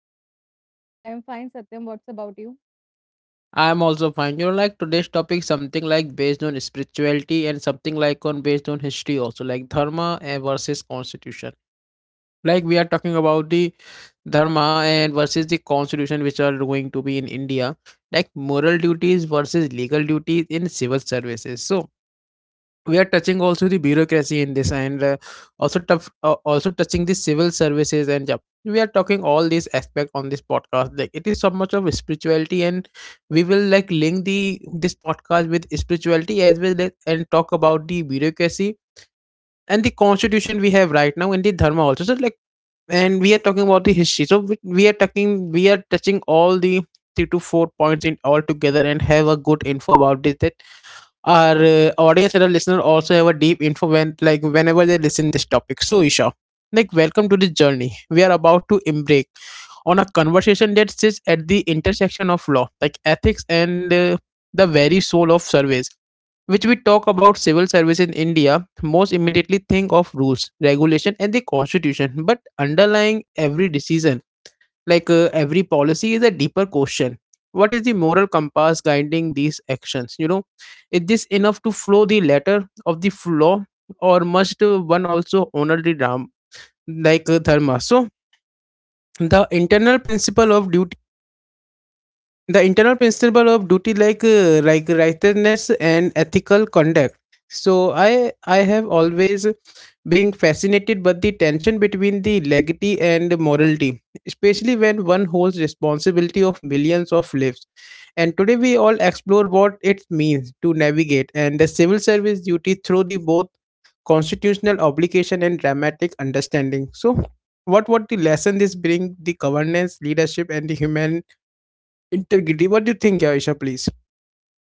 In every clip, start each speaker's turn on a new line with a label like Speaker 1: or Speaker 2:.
Speaker 1: Isha?
Speaker 2: I am fine, Satyam. What's about you?
Speaker 1: I am also fine. You know, like today's topic something like based on spirituality and something like on based on history also, like dharma and versus constitution. Like we are talking about the dharma and versus the constitution which are going to be in India. Like moral duties versus legal duties in civil services. So we are touching also the bureaucracy in this and also tough, also touching the civil services and job we are talking all these aspect on this podcast like it is so much of spirituality and we will like link the this podcast with spirituality as well as, and talk about the bureaucracy and the constitution we have right now and the dharma also so like and we are talking about the history so we are talking we are touching all the three to four points in all together and have a good info about this our audience and our listener also have a deep info when like whenever they listen this topic so isha like welcome to this journey we are about to embark on a conversation that sits at the intersection of law like ethics and the very soul of surveys which we talk about civil service in India most immediately think of rules regulation and the constitution but underlying every decision like every policy is a deeper question. What is the moral compass guiding these actions? You know, is this enough to flow the letter of the law, or must one also honor the ram like dharma? So the internal principle of duty the internal principle of duty like righteousness and ethical conduct so I have always been fascinated by the tension between the legality and morality, especially when one holds responsibility of millions of lives, and today we all explore what it means to navigate and the civil service duty through the both constitutional obligation and dramatic understanding so what the lesson this bring the governance leadership and the human integrity. What do you think, Aisha, please?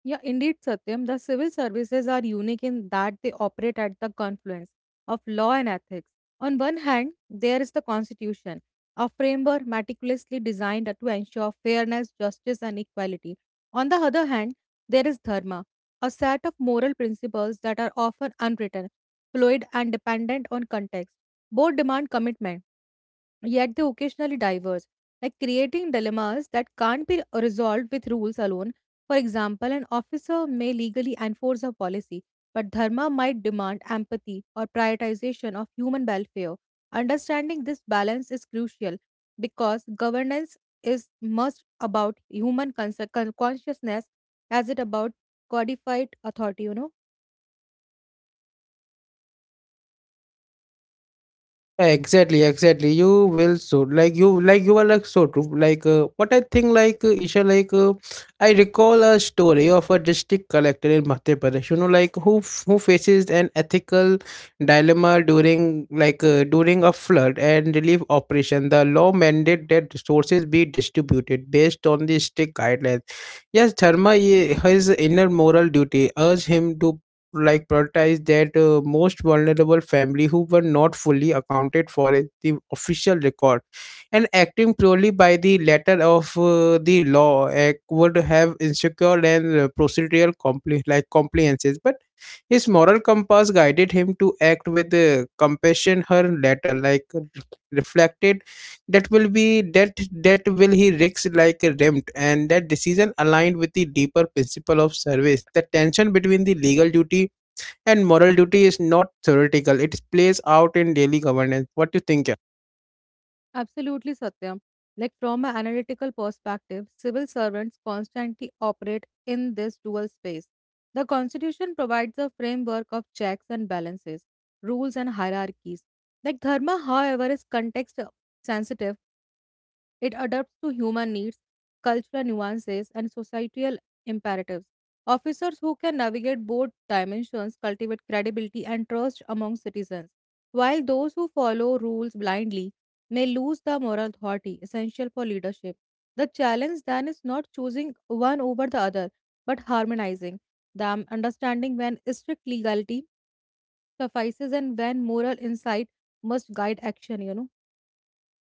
Speaker 2: Yeah, indeed, Satyam. The civil services are unique in that they operate at the confluence of law and ethics. On one hand, there is the Constitution, a framework meticulously designed to ensure fairness, justice, and equality. On the other hand, there is Dharma, a set of moral principles that are often unwritten, fluid, and dependent on context. Both demand commitment yet they occasionally diverge, like creating dilemmas that can't be resolved with rules alone. For example, an officer may legally enforce a policy, but dharma might demand empathy or prioritization of human welfare. Understanding this balance is crucial because governance is much about human consciousness as it about codified authority.
Speaker 1: Exactly, exactly. You will so like you are like so true. Like what I think like Isha like I recall a story of a district collector in Madhya Pradesh. You know like who faces an ethical dilemma during like during a flood and relief operation. The law mandated that resources be distributed based on the strict guidelines. Yes, Dharma, his inner moral duty urged him to like prioritize that most vulnerable family who were not fully accounted for in the official record, and acting purely by the letter of the law act would have insecure and procedural like compliances, but his moral compass guided him to act with compassion her letter like reflected that will be that will he risk like a rent, and that decision aligned with the deeper principle of service. The tension between the legal duty and moral duty is not theoretical, it plays out in daily governance. What do you think?
Speaker 2: Absolutely, Satyam. Like from an analytical perspective, civil servants constantly operate in this dual space. The Constitution provides a framework of checks and balances, rules and hierarchies. Like dharma, however, is context sensitive it adapts to human needs, cultural nuances, and societal imperatives. Officers who can navigate both dimensions cultivate credibility and trust among citizens, while those who follow rules blindly may lose the moral authority essential for leadership. The challenge then is not choosing one over the other, but harmonizing them, understanding when strict legality suffices and when moral insight must guide action.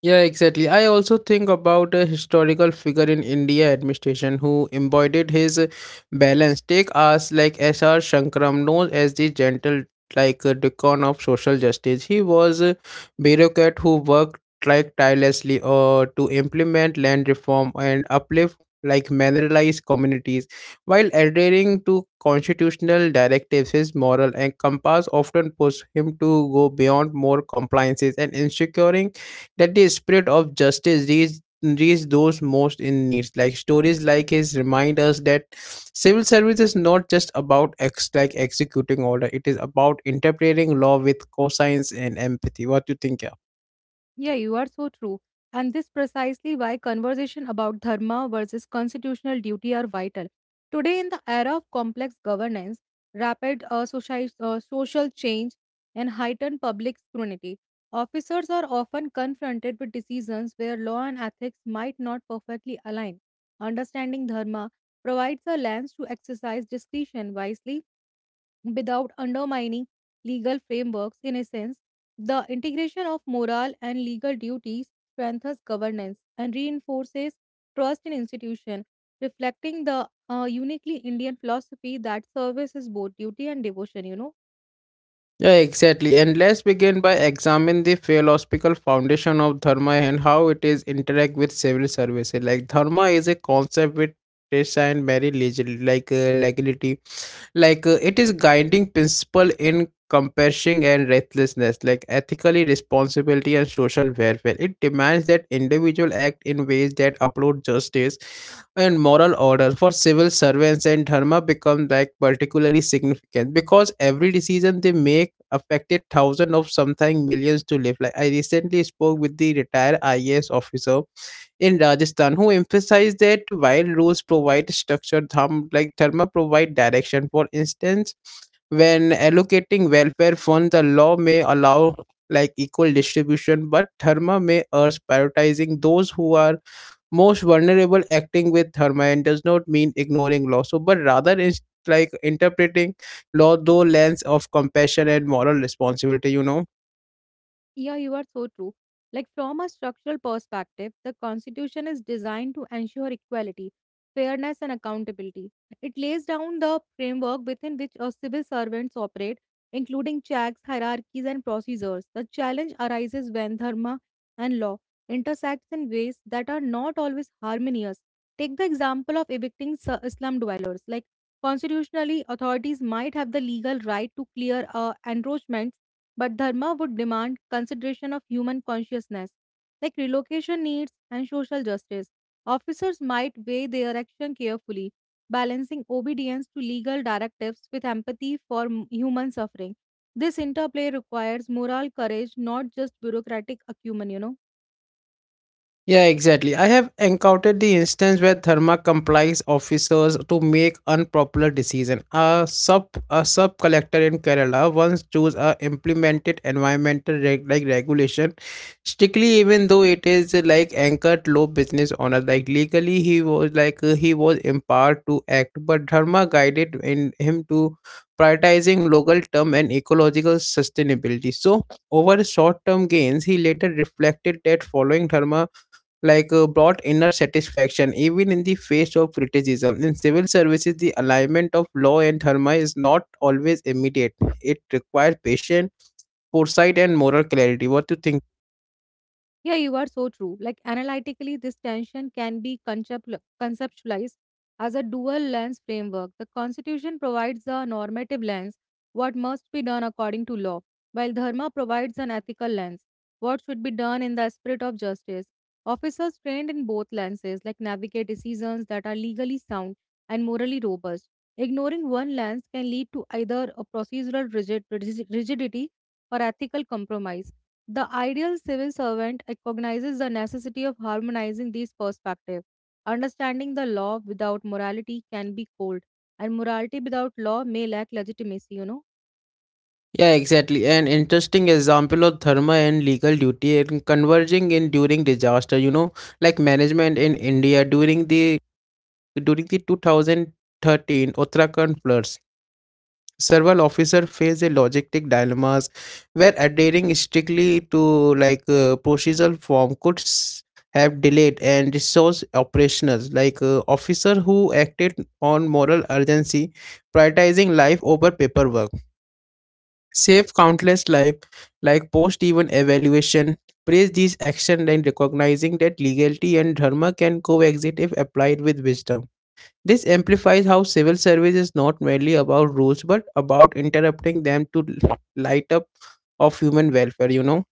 Speaker 1: Yeah, exactly. I also think about a historical figure in India administration who embodied his balance. Take us like S.R. Shankaram, known as the gentle like decon of social justice. He was a bureaucrat who worked like tirelessly to implement land reform and uplift like marginalized communities, while adhering to constitutional directives his moral and compass often pushed him to go beyond more compliances and ensuring that the spirit of justice reach those most in need. Like stories like his remind us that civil service is not just about like executing order; it is about interpreting law with conscience and empathy. What do you think? Yeah.
Speaker 2: Yeah, you are so true. And this precisely why conversation about dharma versus constitutional duty are vital. Today, in the era of complex governance, rapid social, social change, and heightened public scrutiny, officers are often confronted with decisions where law and ethics might not perfectly align. Understanding dharma provides a lens to exercise discretion wisely without undermining legal frameworks. In essence, the integration of moral and legal duties strengthens governance and reinforces trust in institutions, reflecting the uniquely Indian philosophy that service is both duty and devotion.
Speaker 1: Yeah, exactly. And let's begin by examining the philosophical foundation of dharma and how it is interact with civil services. Like dharma is a concept which Krishna and very legally, like legality like it is guiding principle in compassion and restlessness like ethically responsibility and social welfare, it demands that individual act in ways that uphold justice and moral order. For civil servants and dharma become like particularly significant because every decision they make affected thousands of something millions to live. Like I recently spoke with the retired IAS officer in Rajasthan who emphasized that while rules provide structure, tham, like Dharma provide direction. For instance, when allocating welfare funds, the law may allow like equal distribution, but Dharma may urge prioritizing those who are most vulnerable. Acting with Dharma and does not mean ignoring law. So, but rather is like interpreting law through lens of compassion and moral responsibility, you know.
Speaker 2: Yeah, you are so true. Like, from a structural perspective, the Constitution is designed to ensure equality, fairness, and accountability. It lays down the framework within which our civil servants operate, including checks, hierarchies, and procedures. The challenge arises when dharma and law intersect in ways that are not always harmonious. Take the example of evicting slum dwellers. Like, constitutionally, authorities might have the legal right to clear a encroachment but dharma would demand consideration of human consciousness, like relocation needs and social justice. Officers might weigh their action carefully, balancing obedience to legal directives with empathy for human suffering. This interplay requires moral courage, not just bureaucratic acumen, you know.
Speaker 1: Yeah, exactly. I have encountered the instance where Therma complies officers to make unpopular decision. A sub collector in Kerala once chose a implemented environmental like regulation strictly, even though it is like anchored low business owner. Like legally, he was like he was empowered to act, but Dharma guided in him to prioritizing local term and ecological sustainability. So over short term gains, he later reflected that following Dharma like brought inner satisfaction even in the face of criticism. In civil services, the alignment of law and dharma is not always immediate. It requires patience, foresight, and moral clarity. What do you think?
Speaker 2: Yeah, you are so true. Like analytically, this tension can be conceptualized as a dual lens framework. The Constitution provides a normative lens, what must be done according to law, while Dharma provides an ethical lens, what should be done in the spirit of justice. Officers trained in both lenses like navigate decisions that are legally sound and morally robust. Ignoring one lens can lead to either a procedural rigidity or ethical compromise the ideal civil servant recognizes the necessity of harmonizing these perspectives. Understanding the law without morality can be cold, and morality without law may lack legitimacy.
Speaker 1: Yeah, exactly. An interesting example of dharma and legal duty and converging in during disaster. You know, like management in India during the 2013 Uttarakhand floods, several officers face a logistic dilemmas where adhering strictly to like procedural form could have delayed and resource operationals. Like officer who acted on moral urgency, prioritizing life over paperwork, save countless life like post even evaluation praise these action and recognizing that legality and dharma can coexist if applied with wisdom. This amplifies how civil service is not merely about rules but about interrupting them to light up of human welfare, you know.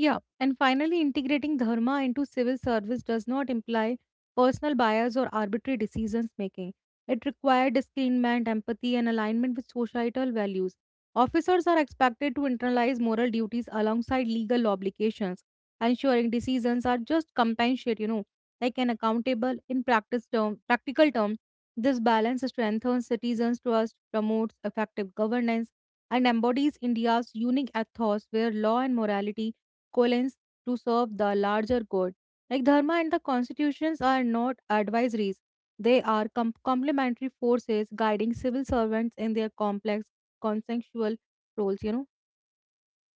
Speaker 2: Yeah, and finally, integrating dharma into civil service does not imply personal bias or arbitrary decisions making. It requires discernment, empathy, and alignment with societal values. Officers are expected to internalize moral duties alongside legal obligations, ensuring decisions are just compensate, like an accountable in practice practical term. This balance strengthens citizens' trust, promotes effective governance, and embodies India's unique ethos where law and morality coalesce to serve the larger good. Like dharma and the constitutions are not advisories; they are complementary forces guiding civil servants in their complex consensual roles. You know.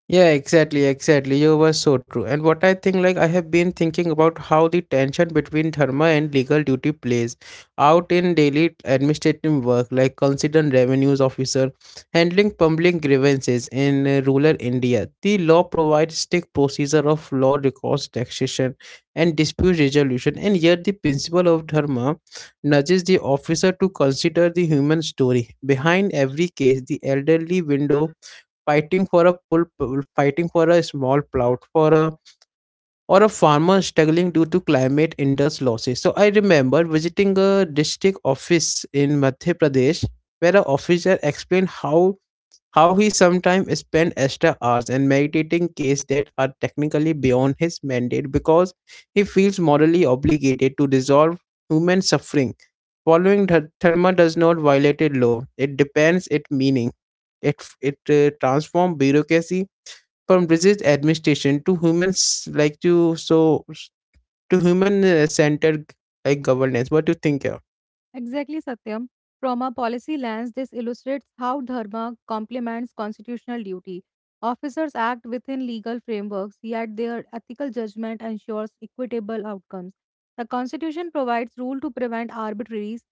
Speaker 1: Yeah, exactly, exactly. You were so true. And what I think, like, I have been thinking about how the tension between dharma and legal duty plays out in daily administrative work, like considering revenues officer, handling public grievances in rural India. The law provides strict procedure of law records, taxation, and dispute resolution, and yet the principle of dharma nudges the officer to consider the human story behind every case, the elderly window fighting for a fighting for a small plout for a or a farmer struggling due to climate induced losses. So I remember visiting a district office in Madhya Pradesh where an officer explained how he sometimes spent extra hours in meditating cases that are technically beyond his mandate because he feels morally obligated to resolve human suffering. Following dharma does not violate a law; it depends its meaning. It it transforms bureaucracy from rigid administration to humans like to so to human centered like governance. What do you think here?
Speaker 2: Exactly, Satyam. From a policy lens, this illustrates how dharma complements constitutional duty. Officers act within legal frameworks, yet their ethical judgment ensures equitable outcomes. The Constitution provides rule to prevent arbitraries,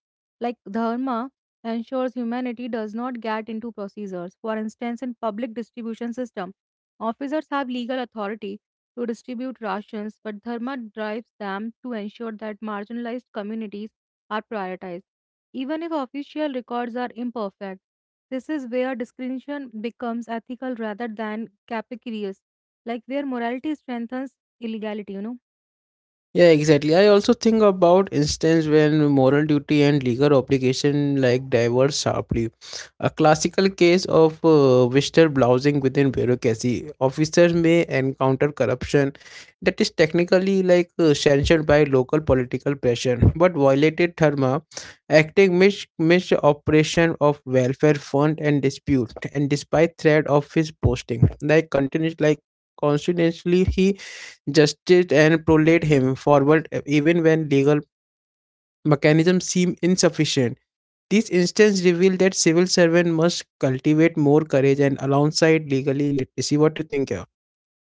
Speaker 2: like dharma ensures humanity does not get into procedures. For instance, in public distribution system, officers have legal authority to distribute rations, but dharma drives them to ensure that marginalized communities are prioritized, even if official records are imperfect. This is where discrimination becomes ethical rather than capricious, like where morality strengthens illegality.
Speaker 1: Yeah, exactly. I also think about instance when moral duty and legal obligation like diverge sharply. A classical case of visitor blousing within bureaucracy. Officers may encounter corruption that is technically like sanctioned by local political pressure, but violated therma, acting mis misoperation of welfare fund and dispute, and despite threat of his posting, like continues like. Constantly, he justice and prolate him forward e, even when legal mechanisms seem insufficient. These instances reveal that civil servants must cultivate more courage and alongside legally literacy. What do you think? Yeah,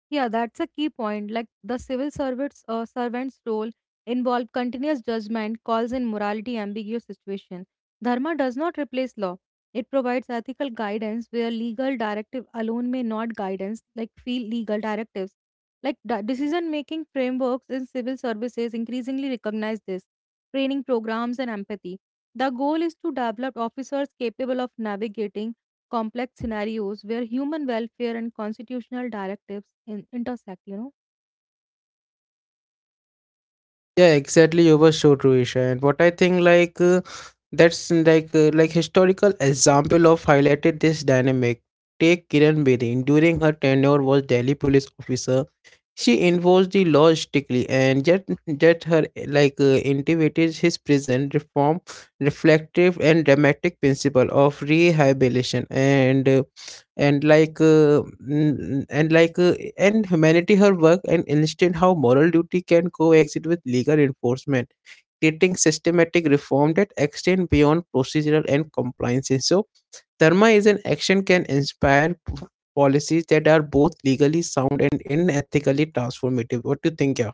Speaker 2: Yeah, that's a key point. Like the civil servants servant's role involved continuous judgment, calls in morality ambiguous situation. Dharma does not replace law. It provides ethical guidance where legal directive alone may not guidance like feel legal directives. Like decision making frameworks in civil services increasingly recognize this, training programs and empathy. The goal is to develop officers capable of navigating complex scenarios where human welfare and constitutional directives intersect you know.
Speaker 1: yeah, exactly. You were so true, Isha. And what I think, like, that's like historical example of highlighted this dynamic. Take Kiran Bedi. During her tenure, was Delhi police officer. She enforced the laws strictly, and yet, her like intimated his prison reform, reflective and dramatic principle of rehabilitation, and like and like and humanity. Her work and illustrate how moral duty can coexist with legal enforcement, creating systematic reform that extend beyond procedural and compliance. So Dharma is an action can inspire policies that are both legally sound and inethically transformative. What do you think, yeah?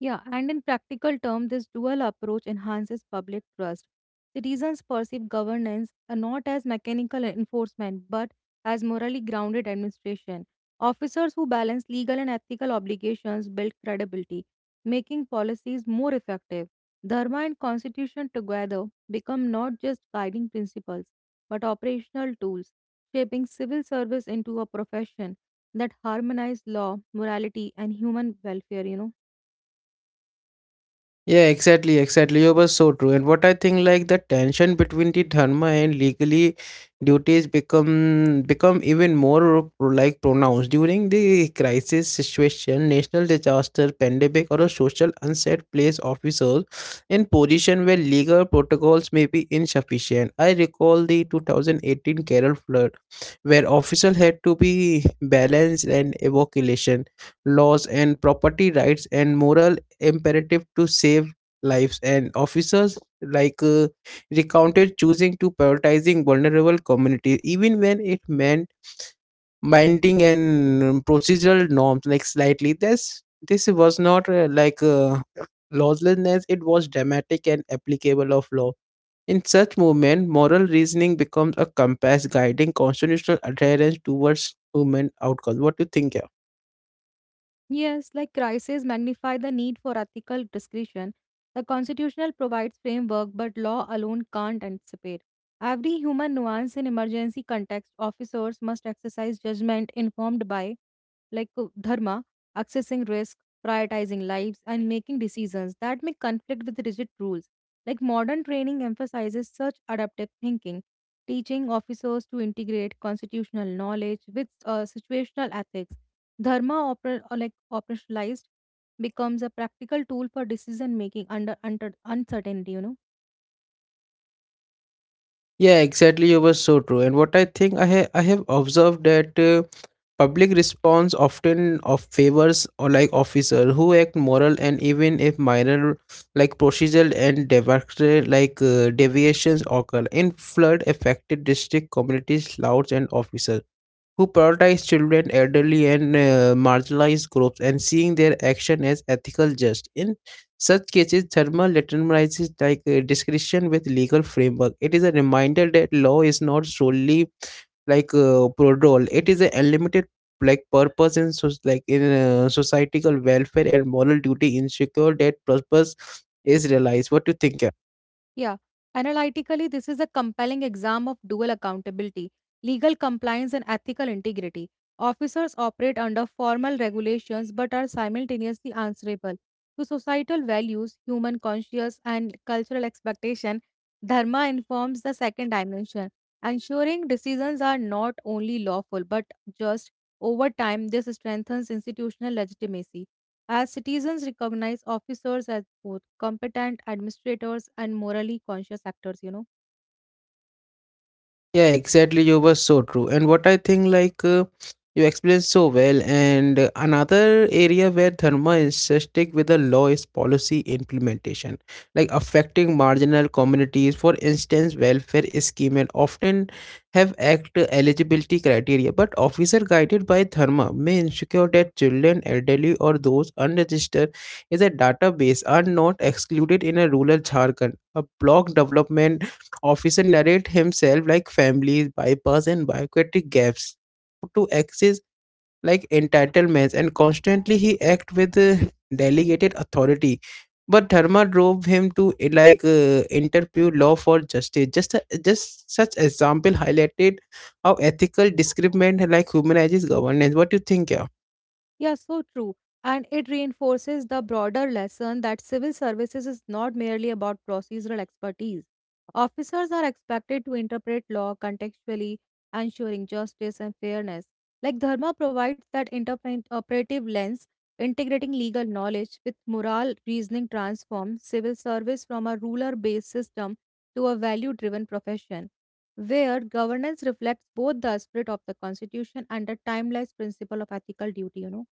Speaker 2: Yeah, and in practical terms, this dual approach enhances public trust. Citizens perceive governance not as mechanical enforcement but as morally grounded administration. Officers who balance legal and ethical obligations build credibility, making policies more effective. Dharma and constitution together become not just guiding principles but operational tools, shaping civil service into a profession that harmonizes law, morality, and human welfare, you know.
Speaker 1: Yeah, exactly, exactly. You were so true. And what I think like the tension between the dharma and legally duties become even more like pronounced during the crisis situation, national disaster, pandemic, or a social unset place officers in position where legal protocols may be insufficient. I recall the 2018 Kerala flood where officials had to be balanced and evacuation laws and property rights and moral imperative to save lives and officers recounted choosing to prioritizing vulnerable communities even when it meant binding and procedural norms like slightly. This was not lawlessness, it was dramatic and applicable of law in such movement. Moral reasoning becomes a compass guiding constitutional adherence towards human outcomes. What do you think? Yeah,
Speaker 2: Yes, like crises magnify the need for ethical discretion. The constitutional provides framework, but law alone can't anticipate. Every human nuance in emergency context, officers must exercise judgment informed by like dharma, accessing risk, prioritizing lives, and making decisions that may conflict with rigid rules. Like modern training emphasizes such adaptive thinking, teaching officers to integrate constitutional knowledge with situational ethics. Dharma oper- or like operationalized becomes a practical tool for decision making under uncertainty, you know.
Speaker 1: yeah, exactly. You were so true. And what I think, I have observed that public response often of favors or like officer who act moral, and even if minor like procedural and deviatory deviations occur in flood affected district communities, louds and officers who prioritize children, elderly, and marginalized groups and seeing their action as ethical just. In such cases, thermal legitimizes discretion with legal framework. It is a reminder that law is not solely prodrol. It is an unlimited like purpose in so like in societal welfare and moral duty. Ensure that purpose is realized. What do you think?
Speaker 2: Yeah, analytically, this is a compelling exam of dual accountability, legal compliance, and ethical integrity. Officers operate under formal regulations but are simultaneously answerable to societal values, human conscience, and cultural expectation. Dharma informs the second dimension, ensuring decisions are not only lawful but just. Over time, this strengthens institutional legitimacy. As citizens recognize officers as both competent administrators and morally conscious actors you know.
Speaker 1: Yeah, exactly. You were so true. And what I think, you explained so well. And another area where Dharma is stick with the law is policy implementation, like affecting marginal communities. For instance, welfare scheme and often have act eligibility criteria, but officer guided by Dharma may ensure that children, elderly, or those unregistered in the database are not excluded in a rural Jharkhand. A block development officer narrate himself like families bypass and bureaucratic gaps to access like entitlements, and constantly he act with delegated authority but dharma drove him to interpret law for justice. Just such example highlighted how ethical discrimination like humanizes governance. What do you think? Yeah,
Speaker 2: Yeah, so true. And it reinforces the broader lesson that civil services is not merely about procedural expertise. Officers are expected to interpret law contextually, ensuring justice and fairness. Like Dharma provides that interpretive lens, integrating legal knowledge with moral reasoning transforms civil service from a ruler based system to a value driven profession, where governance reflects both the spirit of the Constitution and the timeless principle of ethical duty, you know.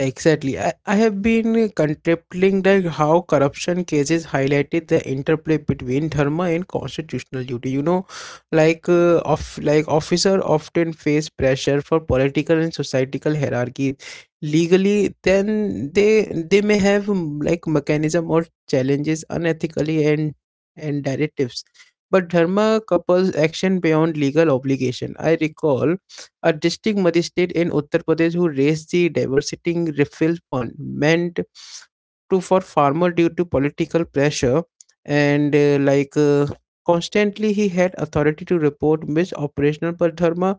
Speaker 1: exactly. I have been contemplating like how corruption cases highlighted the interplay between dharma and constitutional duty. You know, of like officer often face pressure for political and societal hierarchy. Legally, then they may have like mechanism or challenges unethically and directives. But dharma couples action beyond legal obligation. I recall a district magistrate in Uttar Pradesh who raised the diversity refill fund meant to for farmer due to political pressure and constantly he had authority to report mis operational per dharma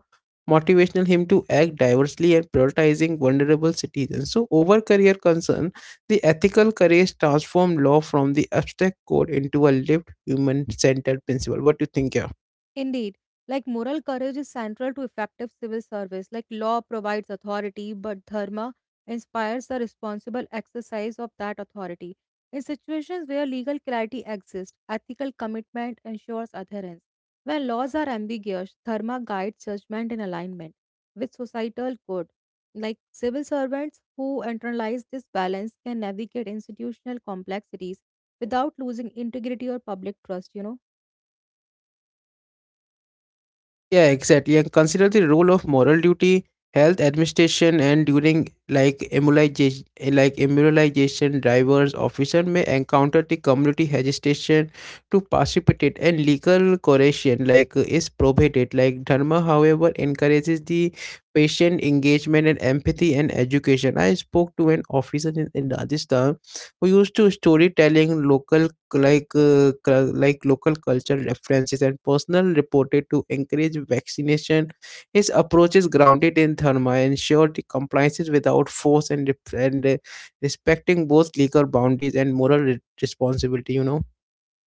Speaker 1: motivational him to act diversely and prioritizing vulnerable citizens so over career concern. The ethical courage transformed law from the abstract code into a lived human centered principle. What do you think here?
Speaker 2: Indeed, like moral courage is central to effective civil service. Like law provides authority, but dharma inspires the responsible exercise of that authority. In situations where legal clarity exists, ethical commitment ensures adherence. When laws are ambiguous, dharma guides judgment in alignment with societal good. Like civil servants who internalize this balance can navigate institutional complexities without losing integrity or public trust, you know.
Speaker 1: Yeah, exactly. And consider the role of moral duty, health administration, and during immunization drivers officer may encounter the community hesitation to participate, and legal correction like is prohibited. Like dharma, however, encourages the patient engagement and empathy and education. I spoke to an officer in Rajasthan we used to storytelling local local culture references and personal reported to encourage vaccination. His approach is grounded in therma, ensured the compliances without force and respecting both legal boundaries and moral responsibility. You know.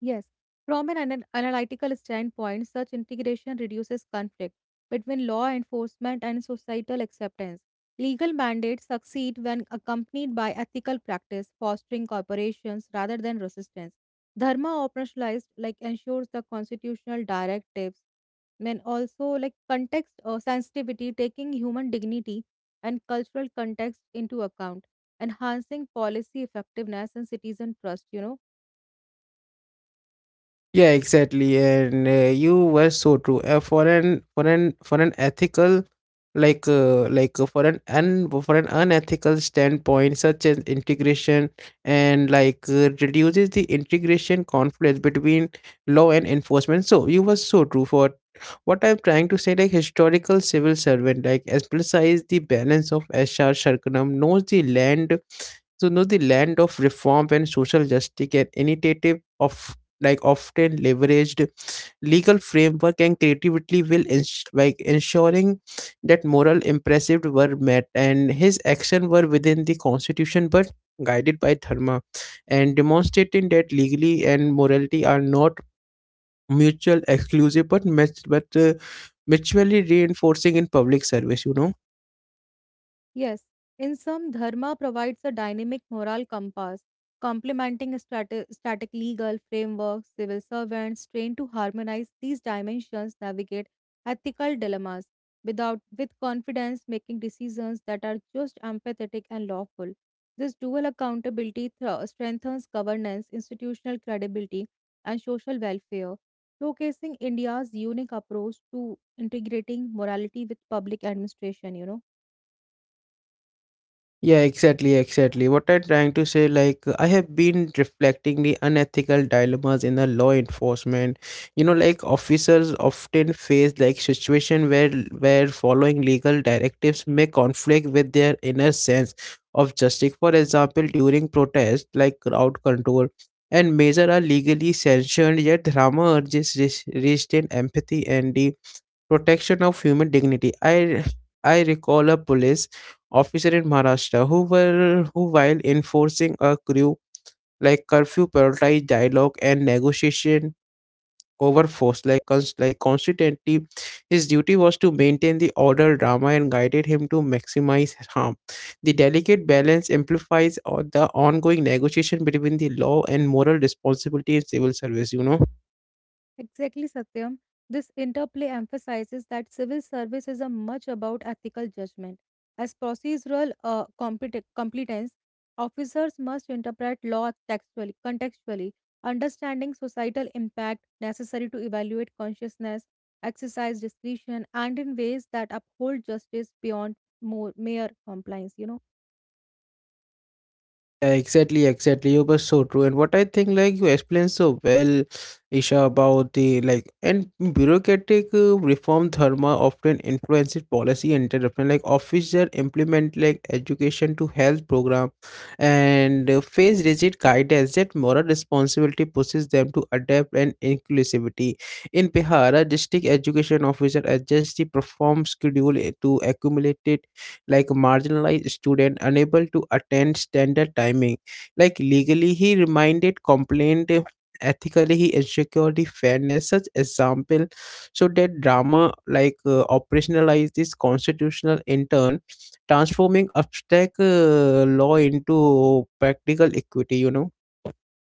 Speaker 2: Yes, from an analytical standpoint, such integration reduces conflict between law enforcement and societal acceptance. Legal mandates succeed when accompanied by ethical practice, fostering cooperations rather than resistance. Dharma operationalized like ensures the constitutional directives and also like context or sensitivity taking human dignity and cultural context into account enhancing policy effectiveness and citizen trust you know.
Speaker 1: Yeah, exactly, and you were so true. For an ethical, for an un for an unethical standpoint, such as integration and reduces the integration conflict between law and enforcement. So you were so true for what I'm trying to say. Like historical civil servant, like emphasize the balance of HR Sharkanam knows the land so knows the land of reform and social justice and initiative of like often leveraged legal framework and creativity will ensuring that moral impressive were met and his actions were within the constitution but guided by dharma and demonstrating that legally and morality are not mutual exclusive but mutually reinforcing in public service. You know.
Speaker 2: Yes, in some, dharma provides a dynamic moral compass, complementing static legal frameworks. Civil servants trained to harmonize these dimensions navigate ethical dilemmas without with confidence, making decisions that are just empathetic and lawful. This dual accountability strengthens governance, institutional credibility, and social welfare, showcasing India's unique approach to integrating morality with public administration. You know.
Speaker 1: Yeah, exactly, exactly. What I'm trying to say, like, I have been reflecting the unethical dilemmas in the law enforcement. You know, like officers often face like situation where following legal directives may conflict with their inner sense of justice. For example, during protests like crowd control and measure are legally sanctioned, yet drama urges restraint, empathy, and the protection of human dignity. I recall a police officer in Maharashtra who were who while enforcing a crew like curfew prioritized dialogue and negotiation over force like constantly his duty was to maintain the order drama and guided him to maximize harm. The delicate balance amplifies the ongoing negotiation between the law and moral responsibility in civil service, you know.
Speaker 2: Exactly, Satyam. This interplay emphasizes that civil service is a much about ethical judgment. As procedural competence, officers must interpret law contextually, understanding societal impact necessary to evaluate consciousness, exercise discretion, and in ways that uphold justice beyond more mere compliance. You know.
Speaker 1: Yeah, exactly, exactly. You were so true. And what I think, like, you explained so well, Isha, about the like, and bureaucratic reform dharma often influences policy and development. Like, officers implement like education to health program and face rigid guidance that moral responsibility pushes them to adapt and inclusivity. In Bihar, a district education officer adjusts the perform schedule to accumulate like marginalized student unable to attend standard timing. Like legally he reminded complaint, ethically he ensured the fairness. Such example so that drama operationalized this constitutional in turn, transforming abstract law into practical equity. You know.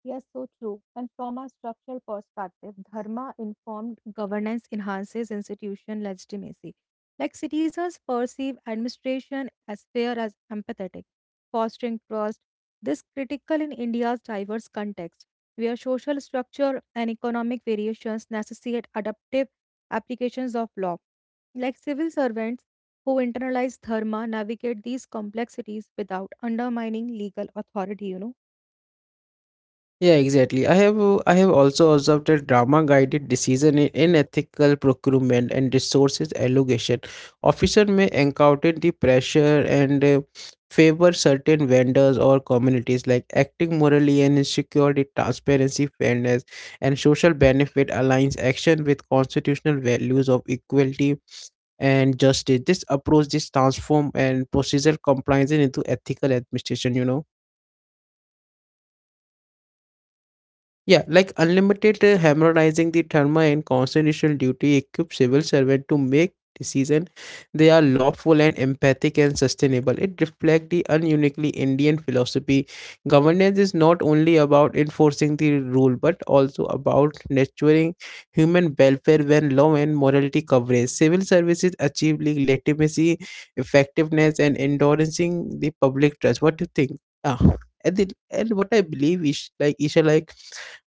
Speaker 2: Yes, so true. And from a structural perspective, dharma informed governance enhances institution legitimacy. Like citizens perceive administration as fair as empathetic, fostering trust. This critical in India's diverse context, where social structure and economic variations necessitate adaptive applications of law. Like civil servants who internalize dharma navigate these complexities without undermining legal authority, you know.
Speaker 1: Yeah, exactly. I have also observed that drama guided decision in unethical procurement and resources allocation. Officers may encounter the pressure and favor certain vendors or communities like acting morally and security, transparency, fairness, and social benefit aligns action with constitutional values of equality and justice. This approach this transform and procedural compliance into ethical administration, you know. Yeah, like unlimited harmonizing the therma and constitutional duty equip civil servant to make decision they are lawful and empathic and sustainable. It reflects the ununiquely Indian philosophy. Governance is not only about enforcing the rule but also about nurturing human welfare when law and morality coverage. Civil services achieve legitimacy, effectiveness, and endorsing the public trust. What do you think? Ah, and, the, and what I believe is like Isha like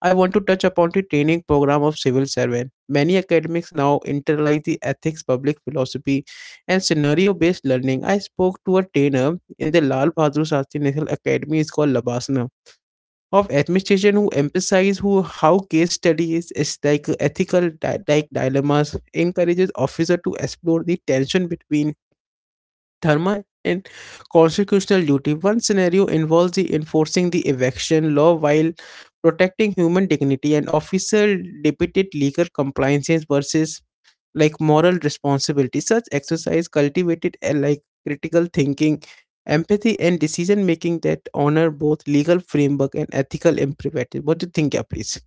Speaker 1: I want to touch upon the training program of civil servant. Many academics now internalize the ethics, public philosophy, and scenario-based learning. I spoke to a trainer in the Lal Bahadur Shastri National Academy, it's called Labasana, of administration who emphasize who how case studies is like ethical dilemmas encourages officer to explore the tension between Dharma and constitutional duty. One scenario involves the enforcing the eviction law while protecting human dignity, and officer debated legal compliances versus like moral responsibility. Such exercise cultivated a like critical thinking, empathy and decision making that honor both legal framework and ethical imperative. What do you think, yeah, please?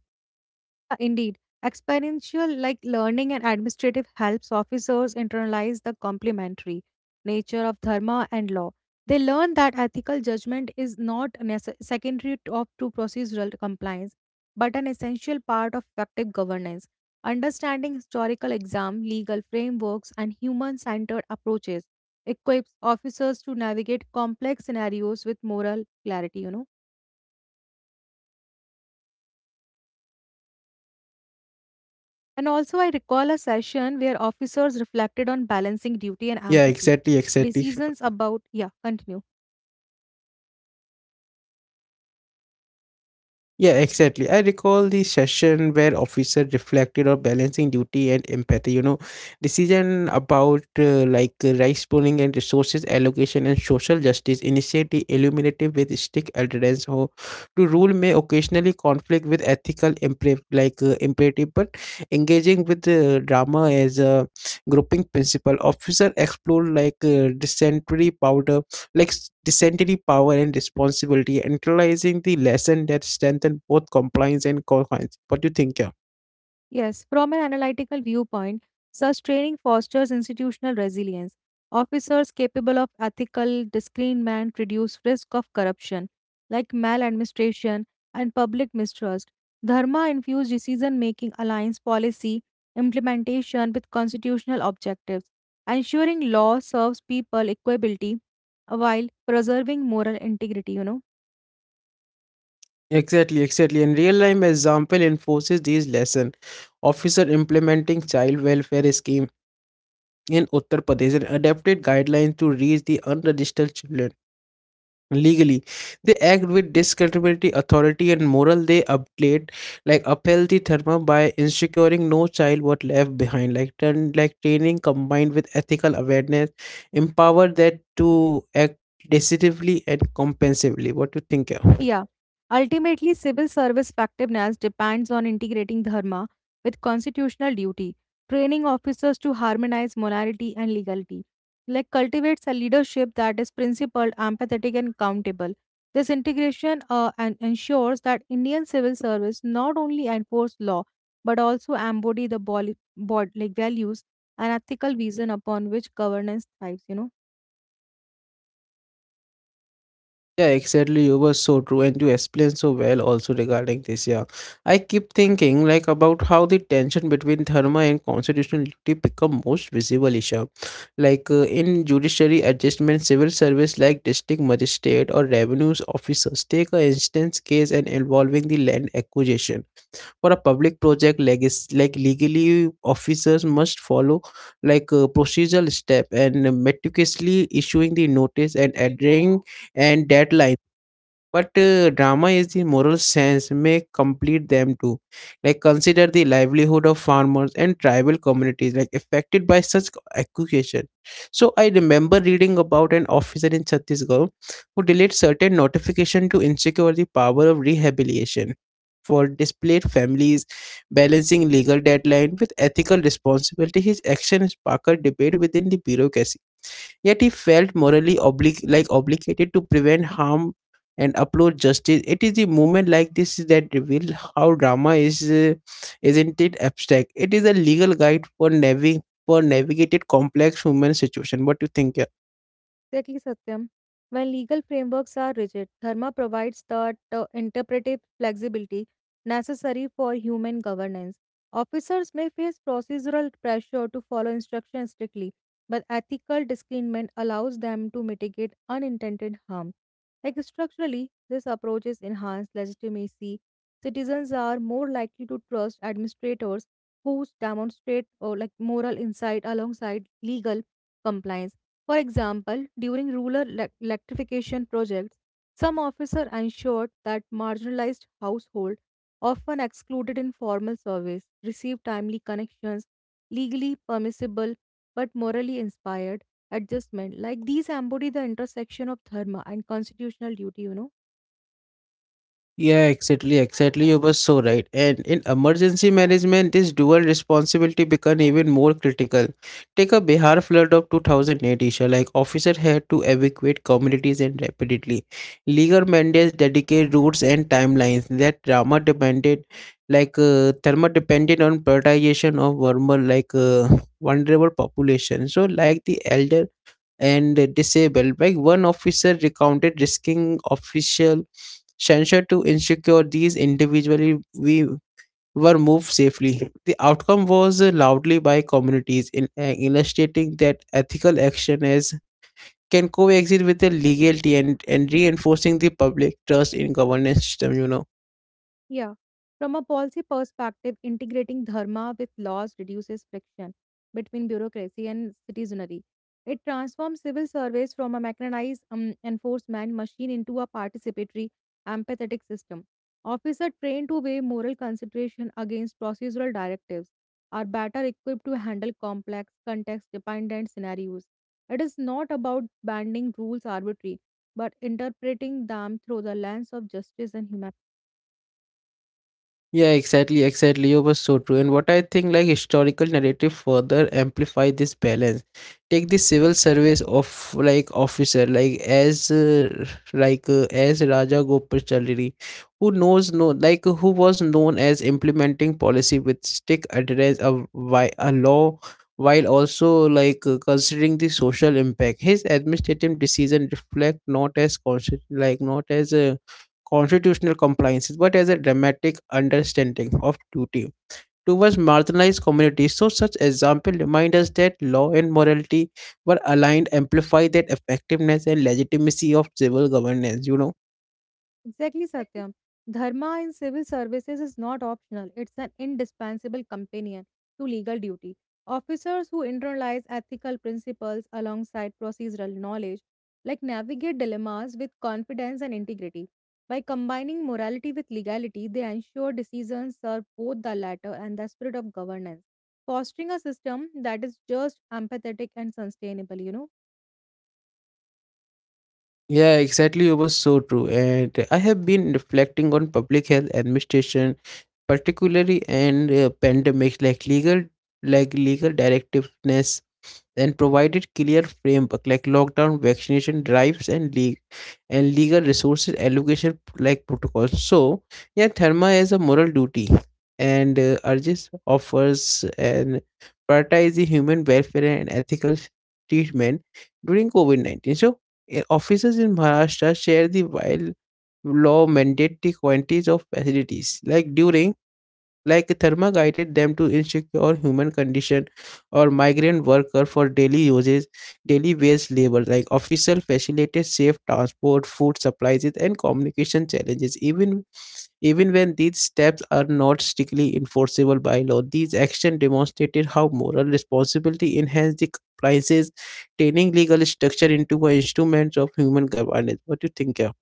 Speaker 2: Indeed, experiential like learning and administrative helps officers internalize the complementary nature of dharma and law. They learn that ethical judgment is not secondary to procedural compliance, but an essential part of effective governance. Understanding historical exam, legal frameworks, and human-centered approaches equips officers to navigate complex scenarios with moral clarity. You know. And also, I recall a session
Speaker 1: Yeah,
Speaker 2: where
Speaker 1: exactly,
Speaker 2: officers
Speaker 1: exactly.
Speaker 2: reflected on balancing duty and empathy. Decisions about, yeah, continue.
Speaker 1: Yeah, exactly. I recall the session where officer reflected on balancing duty and empathy. You know, decision about rice pooling and resources allocation and social justice initiate the illuminative with strict adherence to rule may occasionally conflict with ethical imperative, but engaging with drama as a grouping principle. Officer explored dysentery powder dysentery power and responsibility, internalizing the lesson that strengthen both compliance and compliance. What do you think here?
Speaker 2: Yes, from an analytical viewpoint, such training fosters institutional resilience. Officers capable of ethical discernment reduce risk of corruption, like maladministration and public mistrust. Dharma infused decision making aligns policy implementation with constitutional objectives, ensuring law serves people equability while preserving moral integrity, you know.
Speaker 1: Exactly, exactly. And real life example enforces these lesson. Officer implementing child welfare scheme in Uttar Pradesh and adapted guidelines to reach the unregistered children. Legally they act with discredibility authority, and moral they upgrade like upheld the dharma by ensuring no child was left behind. Like turn like training combined with ethical awareness empower that to act decisively and compensively. What do you think, yeah?
Speaker 2: Yeah. Ultimately, civil service effectiveness depends on integrating dharma with constitutional duty, training officers to harmonize morality and legality. Like cultivates a leadership that is principled, empathetic, and accountable. This integration and ensures that Indian civil service not only enforce law but also embody the body, bod like values and ethical vision upon which governance thrives.
Speaker 1: Yeah, exactly. You were so true, and you explained so well also regarding this. Yeah, I keep thinking like about how the tension between Dharma and constitutional duty become most visible, Isha. In judiciary adjustment, civil service like district magistrate or revenues officers take a instance case and involving the land acquisition for a public project. Legally, officers must follow like a procedural step and meticulously issuing the notice and adhering and deadlines, but drama is the moral sense may complete them too. Like consider the livelihood of farmers and tribal communities like affected by such accusation. So I remember reading about an officer in Chhattisgarh who delayed certain notification to insecure the power of rehabilitation for displaced families, balancing legal deadline with ethical responsibility. His action sparked debate within the bureaucracy. Yet he felt morally obligated to prevent harm and uphold justice. It is the movement like this that reveal how drama is, isn't it abstract? It is a legal guide for for navigated complex human situation. What do you think? Yeah?
Speaker 2: Exactly, Satyam. When legal frameworks are rigid, Dharma provides the interpretive flexibility necessary for human governance. Officers may face procedural pressure to follow instructions strictly, but ethical discernment allows them to mitigate unintended harm. Like structurally, this approach is enhanced legitimacy. Citizens are more likely to trust administrators who demonstrate or like moral insight alongside legal compliance, for example, during electrification projects, some officer ensured that marginalized households, often excluded in formal service, receive timely connections, legally permissible but morally inspired adjustment. Like these embody the intersection of dharma and constitutional duty.
Speaker 1: Yeah, exactly, exactly. You were so right. And in emergency management, this dual responsibility become even more critical. Take a Bihar flood of 2008 issue. Like officer had to evacuate communities and rapidly. Legal mandates dedicate routes and timelines. That drama depended, thermal depended on prioritization of vulnerable, vulnerable population. So, like the elder and disabled, while one officer recounted risking official censure to ensure these individually we were moved safely. The outcome was loudly by communities in illustrating that ethical action is can coexist with the legality and reinforcing the public trust in governance system, you know.
Speaker 2: Yeah. From a policy perspective, integrating dharma with laws reduces friction between bureaucracy and citizenry. It transforms civil service from a mechanized enforcement machine into a participatory, empathetic system. Officers trained to weigh moral consideration against procedural directives are better equipped to handle complex, context dependent scenarios. It is not about banding rules arbitrarily, but interpreting them through the lens of justice and humanity.
Speaker 1: Yeah, exactly. You were so true. And what I think, like historical narrative, further amplify this balance. Take the civil service of like, as Raja Gopalachari, who knows no like who was known as implementing policy with strict adherence of why a law, while also considering the social impact. His administrative decision reflect not as conscious, like not as constitutional compliances, but as a dramatic understanding of duty towards marginalized communities. So, such example remind us that law and morality were aligned, amplify that effectiveness and legitimacy of civil governance.
Speaker 2: Exactly, Satyam. Dharma in civil services is not optional, it's an indispensable companion to legal duty. Officers who internalize ethical principles alongside procedural knowledge, like navigate dilemmas with confidence and integrity. By combining morality with legality, they ensure decisions serve both the latter and the spirit of governance, fostering a system that is just, empathetic, and sustainable.
Speaker 1: Yeah, exactly. It was so true, and I have been reflecting on public health administration, particularly and pandemics like legal directiveness, and provided clear framework like lockdown, vaccination drives, and legal resources allocation like protocols. So, yeah, Therma has a moral duty and urges offers and prioritize the human welfare and ethical treatment during COVID 19. So, officers in Maharashtra share the while law mandate the quantities of facilities like during like Therma guided them to insecure human condition or migrant worker for daily uses, daily wage labor. Like official facilitated safe transport, food supplies, and communication challenges. Even when these steps are not strictly enforceable by law, these actions demonstrated how moral responsibility enhanced the compliances, turning legal structure into an instrument of human governance. What do you think? Yeah?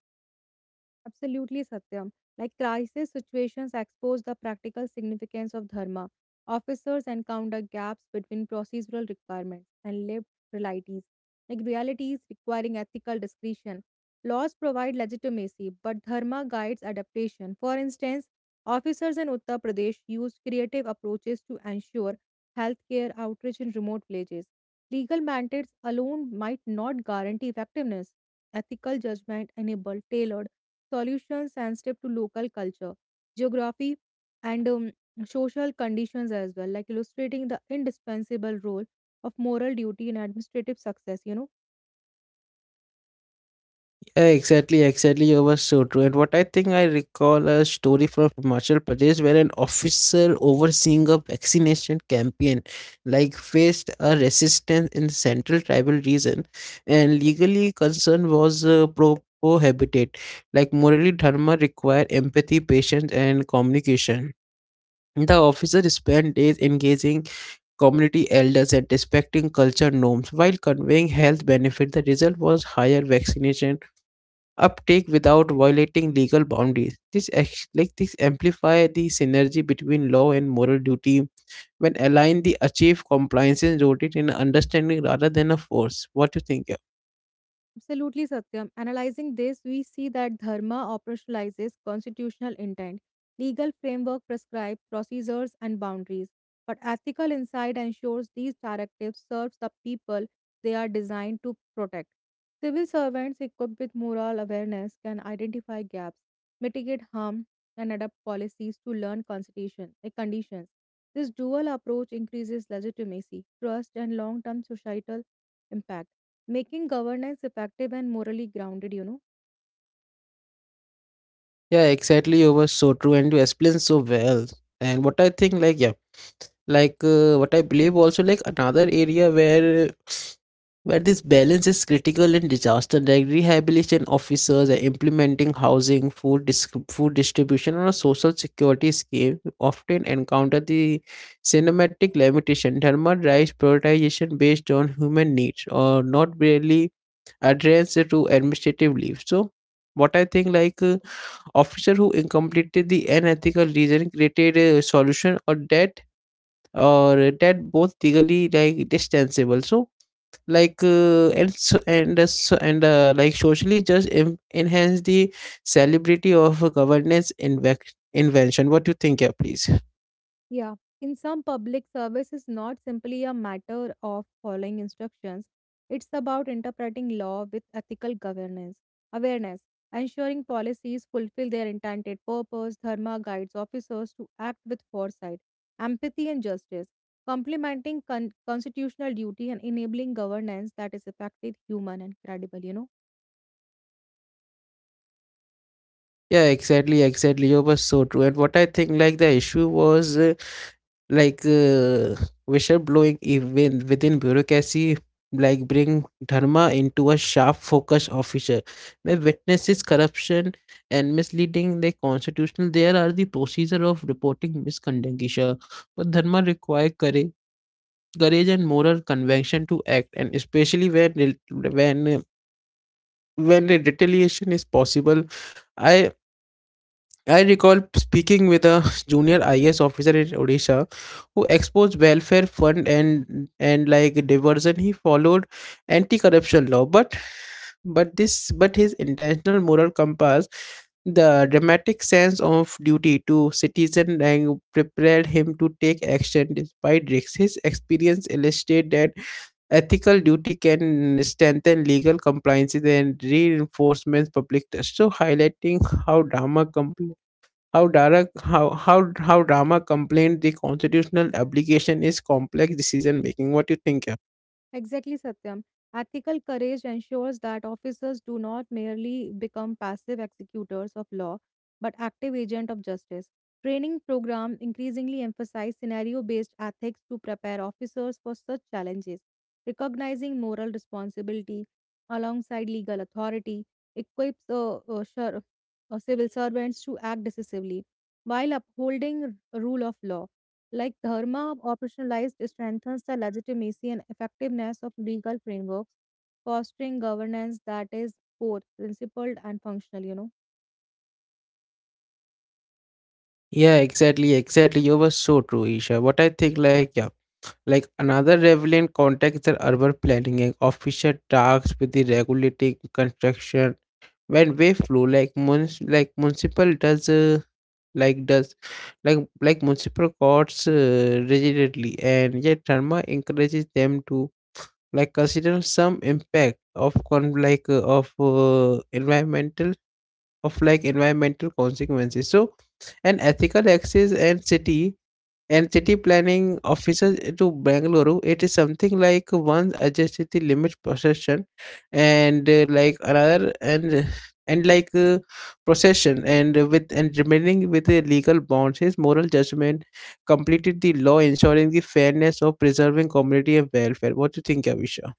Speaker 2: Absolutely, Satyam. Like crisis situations expose the practical significance of dharma. Officers encounter gaps between procedural requirements and lived realities, like realities requiring ethical discretion. Laws provide legitimacy, but dharma guides adaptation. For instance, officers in Uttar Pradesh used creative approaches to ensure healthcare outreach in remote villages. Legal mandates alone might not guarantee effectiveness. Ethical judgment enabled tailored solutions sensitive to local culture, geography, and social conditions as well, like illustrating the indispensable role of moral duty in administrative success.
Speaker 1: Exactly, exactly. You were so true. And what I think I recall a story from Himachal Pradesh where an officer overseeing a vaccination campaign like faced a resistance in the central tribal region and legally concern was prohibited. Like morally dharma require empathy, patience and communication. The officer spent days engaging community elders and respecting culture norms while conveying health benefits. The result was higher vaccination uptake without violating legal boundaries. This ex- like this amplify the synergy between law and moral duty when aligned, the achieve compliance is rooted in understanding rather than a force. What you think? Yeah,
Speaker 2: Absolutely, Satyam. Analyzing this, we see that dharma operationalizes constitutional intent. Legal framework prescribe procedures and boundaries, but ethical insight ensures these directives serve the people they are designed to protect. Civil servants equipped with moral awareness can identify gaps, mitigate harm, and adapt policies to learn constitution, eh, conditions. This dual approach increases legitimacy, trust, and long-term societal impact, making governance effective and morally grounded.
Speaker 1: yeah exactly. You were so true and you explained so well. And what I think, like yeah, what I believe also like another area where this balance is critical in disaster like rehabilitation officers are implementing housing food distribution or a social security scheme often encounter the cinematic limitation thermal drives prioritization based on human needs or not really adherence to administrative leave so what I think officer who incompleted the unethical reason created a solution or that both legally like distancable so like and so, and so, and like socially just enhance the celebrity of a governance invention what do you think yeah please
Speaker 2: Yeah. In some public service is not simply a matter of following instructions. It's about interpreting law with ethical governance, awareness, ensuring policies fulfill their intended purpose. Dharma guides officers to act with foresight, empathy, and justice, complementing constitutional duty and enabling governance that is effective, human, and credible.
Speaker 1: yeah exactly exactly you were so true and what I think like the issue was like uh, whistleblowing even within bureaucracy like bring dharma into a sharp focus officer where witnesses corruption and misleading the constitutional there are the procedure of reporting misconduct Isha. But dharma require courage and moral convention to act and especially when re- when a retaliation is possible I I recall speaking with a junior IS officer in Odisha who exposed welfare fund and diversion. He followed anti-corruption law, but his intentional moral compass, the dramatic sense of duty to citizen, and prepared him to take action despite risks. His experience illustrated that ethical duty can strengthen legal compliance and reinforcements public trust. So highlighting how drama compl- how Dara, how Rama complained the constitutional application is complex decision making. What you think? Yeah?
Speaker 2: Exactly, Satyam. Ethical courage ensures that officers do not merely become passive executors of law, but active agents of justice. Training programs increasingly emphasize scenario-based ethics to prepare officers for such challenges, recognizing moral responsibility alongside legal authority equips civil servants to act decisively while upholding rule of law. Like Dharma operationalized strengthens the legitimacy and effectiveness of legal frameworks, fostering governance that is both principled and functional.
Speaker 1: Yeah, exactly, exactly. You were so true, Isha. What I think, like, yeah, like another relevant context is the urban planning and official tasks with the regulating construction. When wave flow, like, mun- like municipal does, like does, like like municipal courts rigidly, and yet Dharma encourages them to like consider some impact of con like of environmental of like environmental consequences so an ethical access and city planning officer to bangalore it is something like one adjusted the limit procession and uh, like another and and procession and with and remaining with the legal bounds his moral judgment completed the law ensuring the fairness of preserving community and welfare what do you think avisha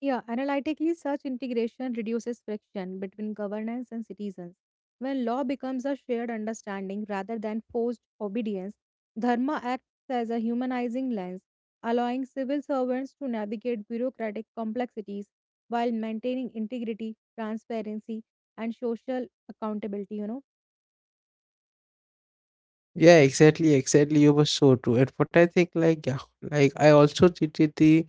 Speaker 2: Yeah, analytically, such integration reduces friction between governance and citizens. When law becomes a shared understanding rather than forced obedience, dharma acts as a humanizing lens, allowing civil servants to navigate bureaucratic complexities while maintaining integrity, transparency, and social accountability.
Speaker 1: Yeah, exactly, exactly. You were so true. And what I think, like, yeah, like I also treated the,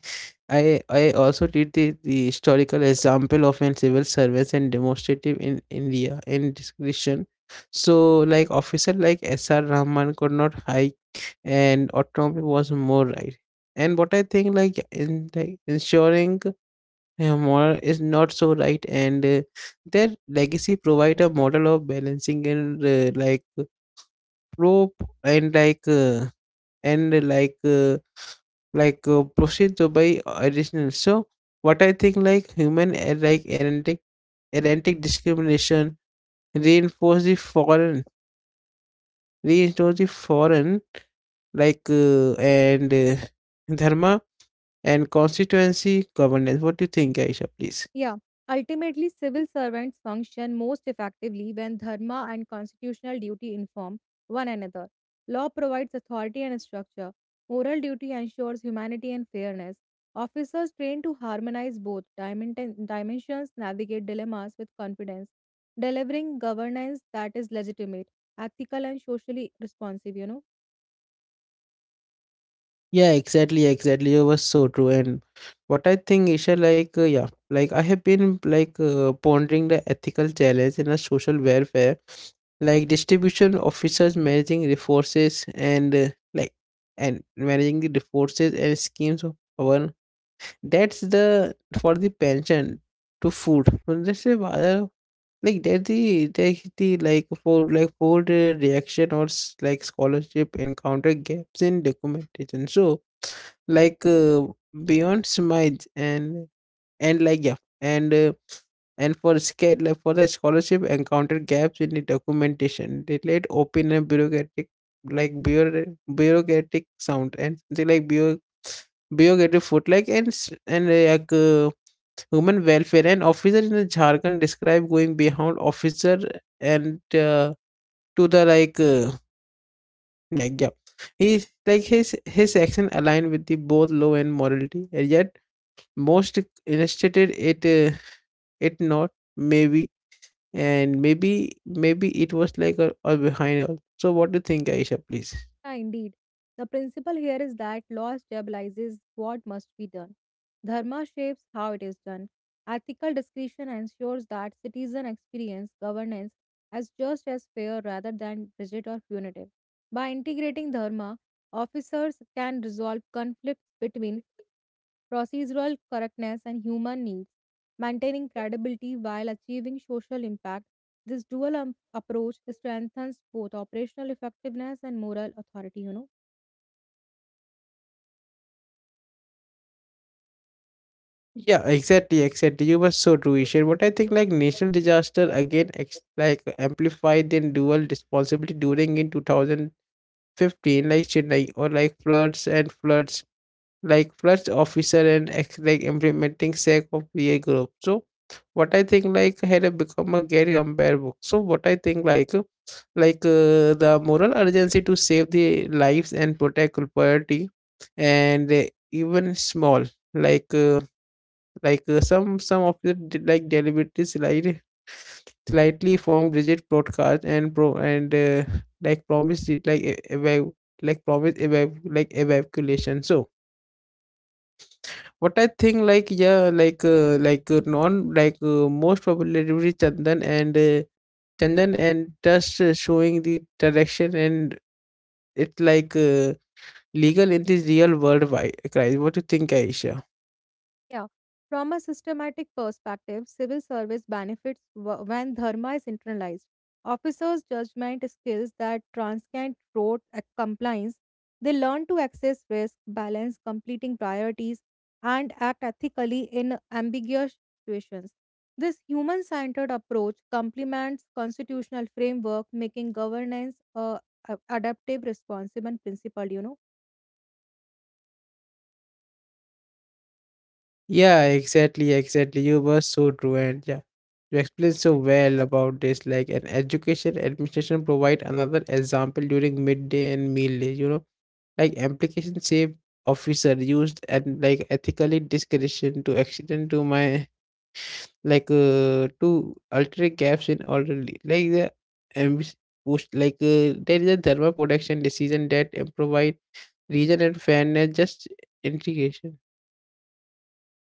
Speaker 1: I also did the historical example of an civil service and demonstrative in India in discretion. So, like, officer like S.R. Rahman could not hike, and autonomy was more right. And what I think, like, in like ensuring moral is not so right, and their legacy provide a model of balancing and like probe and like uh, and proceed by buy additional so what I think like human like erratic discrimination reinforce the foreign reinforce the foreign like and dharma and constituency governance. What do you think, Aisha, please?
Speaker 2: Yeah, ultimately, civil servants function most effectively when dharma and constitutional duty inform one another. Law provides authority and structure, moral duty ensures humanity and fairness. Officers trained to harmonize both dimensions navigate dilemmas with confidence, delivering governance that is legitimate, ethical, and socially responsive.
Speaker 1: Yeah, exactly, exactly. It was so true. And what I think, Isha, yeah, like I have been pondering the ethical challenge in a social welfare, like distribution officers managing resources like and managing the resources and schemes of our. That's the for the pension to food. So That's the other like that's the like for the reaction like scholarship encounter gaps in documentation. So like uh, beyond smite and like yeah and uh, and for like for the scholarship encounter gaps in the documentation they let open a bureaucratic like bureau- bureaucratic sound and something bureaucratic foot like and s- and like Human welfare. An officer in Jharkhand described going behind officer and to the like. He like his action aligned with the both law and morality, and yet most instituted it it not maybe and maybe it was like a behind all. So what do you think, Aisha? Please.
Speaker 2: Yeah, indeed. The principle here is that law stabilizes what must be done. Dharma shapes how it is done. Ethical discretion ensures that citizens experience governance as just as fair rather than rigid or punitive. By integrating dharma, officers can resolve conflicts between procedural correctness and human needs, maintaining credibility while achieving social impact. This dual approach strengthens both operational effectiveness and moral authority.
Speaker 1: Yeah, exactly, exactly. You were so true, Ishan. What I think, like national disaster again, like amplified the dual responsibility during in 2000 15 like chennai or like floods and floods like floods officer and like implementing sec of pa group so what I think like had a become a gary compare book so what I think like the moral urgency to save the lives and protect property and even small like uh, some like deliberately like slightly formed rigid broadcast and pro and like promised it like promise eva- like evacuation so what I think like yeah like non like most popularly chandan and chandan and just showing the direction and it legal in the real world crisis. What do you think, Aisha?
Speaker 2: Yeah. From a systematic perspective, civil service benefits when dharma is internalized. Officers' judgment skills that transcend rote compliance. They learn to access risk, balance completing priorities, and act ethically in ambiguous situations. This human centered approach complements constitutional framework, making governance adaptive, responsive, and principled.
Speaker 1: Yeah, exactly, exactly. You were so true, and yeah, you explained so well about this. Like an education administration provide another example during midday and meal day. You know, like application save officer used and like ethically discretion to accident to my to alter gaps in orderly like the ambi- push there is a thermal protection decision that provide reason and fairness just integration.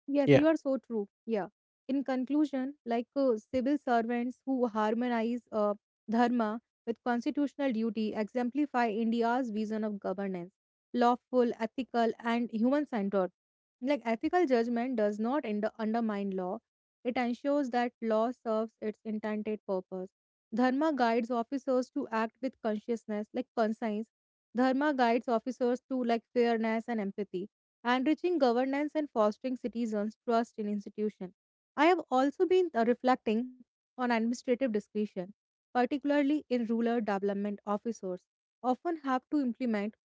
Speaker 2: Yes,
Speaker 1: Yeah.
Speaker 2: you are so true. Yeah. In conclusion, civil servants who harmonize dharma with constitutional duty exemplify India's vision of governance, lawful, ethical, and human centered. Like ethical judgment does not undermine law, it ensures that law serves its intended purpose. Dharma guides officers to act with consciousness, like conscience. Dharma guides officers to like fairness and empathy enriching governance and fostering citizens' trust in institutions. I have also been reflecting on administrative discretion, particularly in rural development officers, often have to implement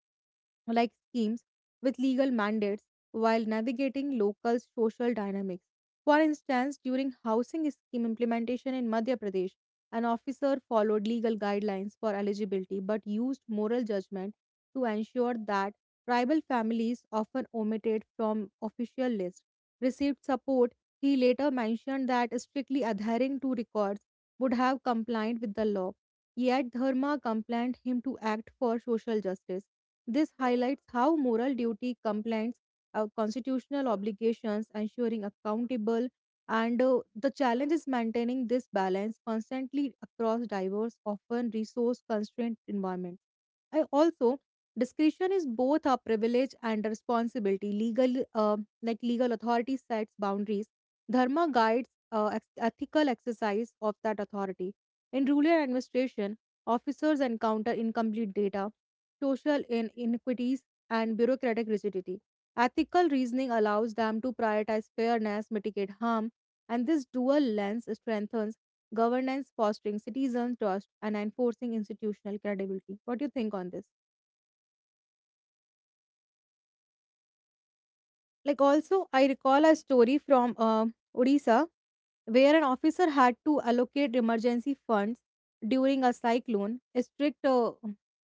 Speaker 2: like schemes with legal mandates while navigating local social dynamics. For instance, during housing scheme implementation in Madhya Pradesh, an officer followed legal guidelines for eligibility but used moral judgment to ensure that Tribal families, often omitted from official lists, received support. He later mentioned that strictly adhering to records would have complied with the law. Yet Dharma compelled him to act for social justice. This highlights how moral duty complies constitutional obligations, ensuring accountable, and the challenge is maintaining this balance constantly across diverse, often resource-constrained environment. I also discretion is both a privilege and a responsibility. Legal, legal authority sets boundaries. Dharma guides ethical exercise of that authority. In rural administration, officers encounter incomplete data, social inequities, and bureaucratic rigidity. Ethical reasoning allows them to prioritize fairness, mitigate harm, and this dual lens strengthens governance, fostering citizen trust and enforcing institutional credibility. What do you think on this? Like, also I recall a story from Odisha where an officer had to allocate emergency funds during a cyclone. Strict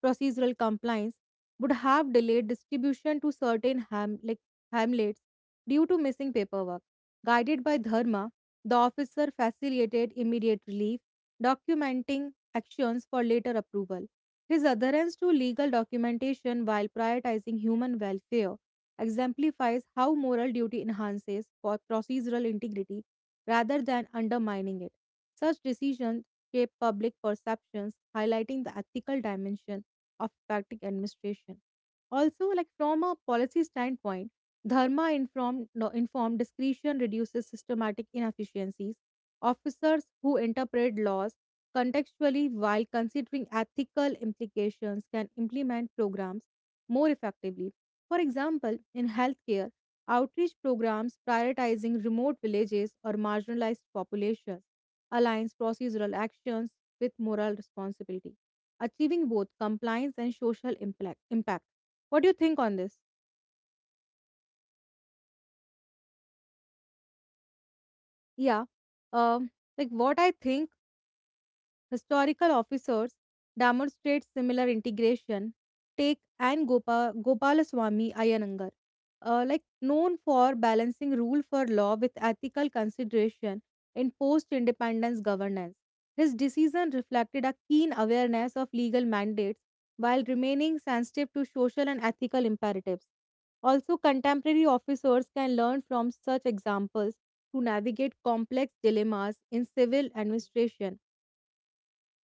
Speaker 2: procedural compliance would have delayed distribution to certain hamlets due to missing paperwork. Guided by Dharma, the officer facilitated immediate relief, documenting actions for later approval. His adherence to legal documentation while prioritizing human welfare exemplifies how moral duty enhances for procedural integrity rather than undermining it. Such decisions shape public perceptions, highlighting the ethical dimension of effective administration. Also, like from a policy standpoint, dharma informed, no, informed discretion reduces systematic inefficiencies. Officers who interpret laws contextually while considering ethical implications can implement programs more effectively. For example, in healthcare, outreach programs prioritizing remote villages or marginalized populations aligns procedural actions with moral responsibility, achieving both compliance and social impact. Impact. What do you think on this? Yeah, um, what I think historical officers demonstrate similar integration. Take and Gopalaswamy Iyengar, known for balancing rule for law with ethical consideration in post-independence governance. His decision reflected a keen awareness of legal mandates while remaining sensitive to social and ethical imperatives. Also, contemporary officers can learn from such examples to navigate complex dilemmas in civil administration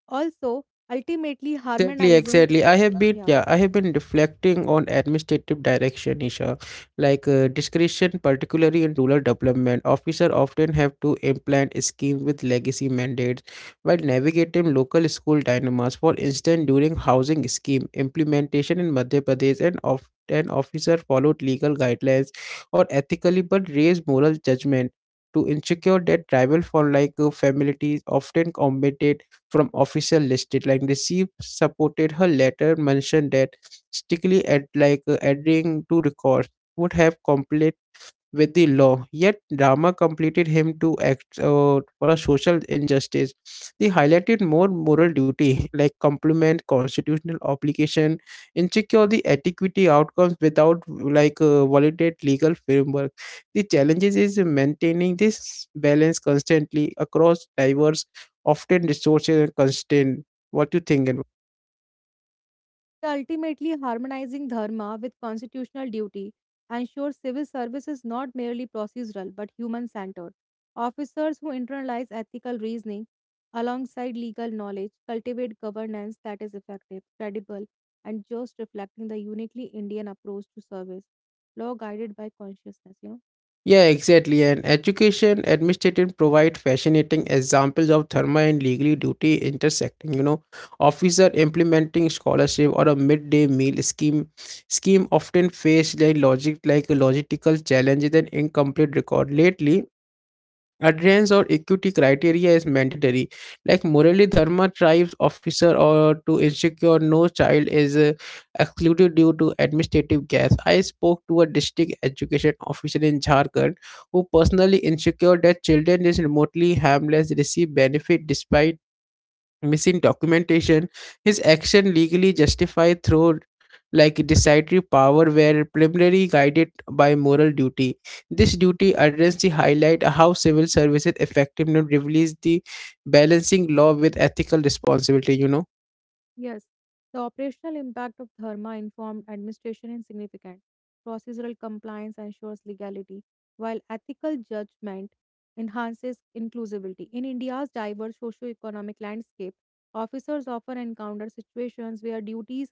Speaker 2: also, ultimately
Speaker 1: Exactly,
Speaker 2: harmonizing
Speaker 1: exactly. I have been,
Speaker 2: yeah,
Speaker 1: yeah, I have been reflecting on administrative direction, Isha. Discretion, particularly in rural development, officer often have to implement schemes with legacy mandates while navigating local school dilemmas. For instance, during housing scheme implementation in Madhya Pradesh, and of an officer followed legal guidelines or ethically, but raised moral judgment. To ensure that tribal for like families often committed from official listed like receive supported her letter mentioned that strictly at adhering to records would have complete with the law, yet Rama completed him to act for a social injustice. They highlighted more moral duty, like complement constitutional obligation, and secure the adequity outcomes without validate legal framework. The challenges is maintaining this balance constantly across diverse, often resources and constraint. What you think?
Speaker 2: ultimately harmonizing dharma with constitutional duty ensures civil service is not merely procedural but human-centered. Officers who internalize ethical reasoning alongside legal knowledge cultivate governance that is effective, credible, and just, reflecting the uniquely Indian approach to service, law guided by consciousness.
Speaker 1: Yeah, exactly. And education administration provide fascinating examples of therma and legally duty intersecting. You know, officer implementing scholarship or a midday meal scheme often face like logistical challenges and incomplete record. Lately, Adherence or equity criteria is mandatory. Like morally Dharma tribes officer or to ensure no child is excluded due to administrative gaps. I spoke to a district education officer in Jharkhand who personally ensured that children is remotely harmless receive benefit despite missing documentation. His action legally justified through like decisory power were primarily guided by moral duty. This duty urgency highlight how civil services effectiveness reveals the balancing law with ethical responsibility, you know.
Speaker 2: Yes, the operational impact of Dharma informed administration is significant. Procedural compliance ensures legality, while ethical judgment enhances inclusivity. In India's diverse socio-economic landscape, officers often encounter situations where duties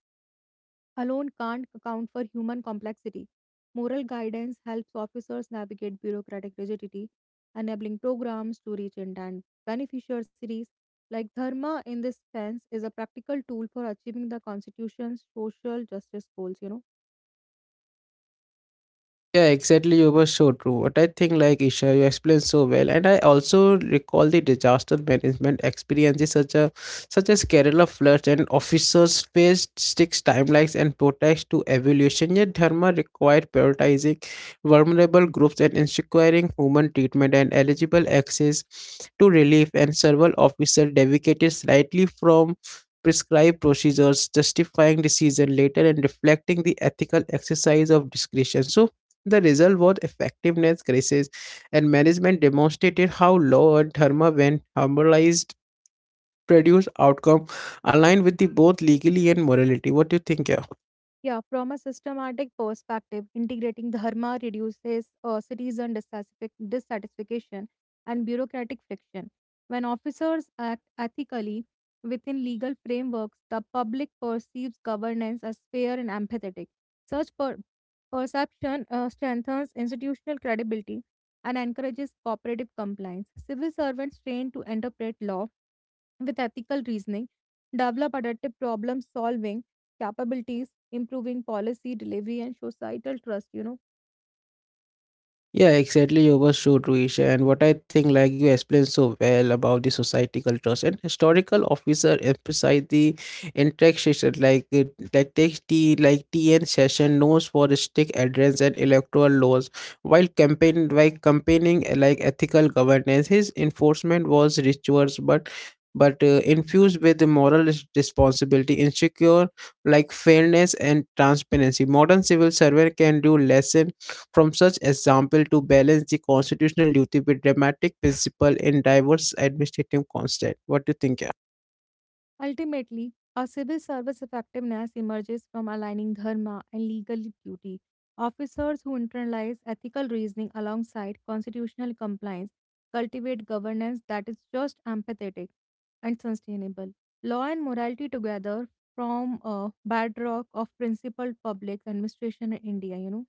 Speaker 2: alone can't account for human complexity. Moral guidance helps officers navigate bureaucratic rigidity, enabling programs to reach intent beneficiaries. Like Dharma, in this sense, is a practical tool for achieving the Constitution's social justice goals,
Speaker 1: Yeah, exactly. You were so true. What I think, like Isha, you explained so well, and I also recall the disaster management experiences, such as Kerala floods, and officers faced six timelines and protests to evolution. Yet, Dharma required prioritizing vulnerable groups and ensuring human treatment and eligible access to relief. And several officers deviated slightly from prescribed procedures justifying decision later and reflecting the ethical exercise of discretion so the result was effectiveness crisis, and management demonstrated how law and therma, when harmonized, produce outcome aligned with the both legally and morality. What do you think? Yeah?
Speaker 2: Yeah, from a systematic perspective, integrating dharma reduces citizen dissatisfaction and bureaucratic friction. When officers act ethically within legal frameworks, the public perceives governance as fair and empathetic. Such perception strengthens institutional credibility and encourages cooperative compliance. Civil servants trained to interpret law with ethical reasoning, develop adaptive problem solving capabilities, improving policy delivery, and societal trust.
Speaker 1: Yeah, exactly. You were so Ruish. And what I think, like you explained so well about the society cultures and historical officer emphasize the intersection, like it- like takes the like TN session knows for strict adherence and electoral laws, while campaigning, like ethical governance. His enforcement was rituals, but infused with the moral responsibility, insecure like fairness and transparency. Modern civil servant can do less from such example to balance the constitutional duty with dramatic principle in diverse administrative constraint. What do you think?
Speaker 2: Ultimately, our civil service effectiveness emerges from aligning dharma and legal duty. Officers who internalize ethical reasoning alongside constitutional compliance cultivate governance that is just, empathetic, and sustainable. Law and morality together form a bedrock of principled public administration in India.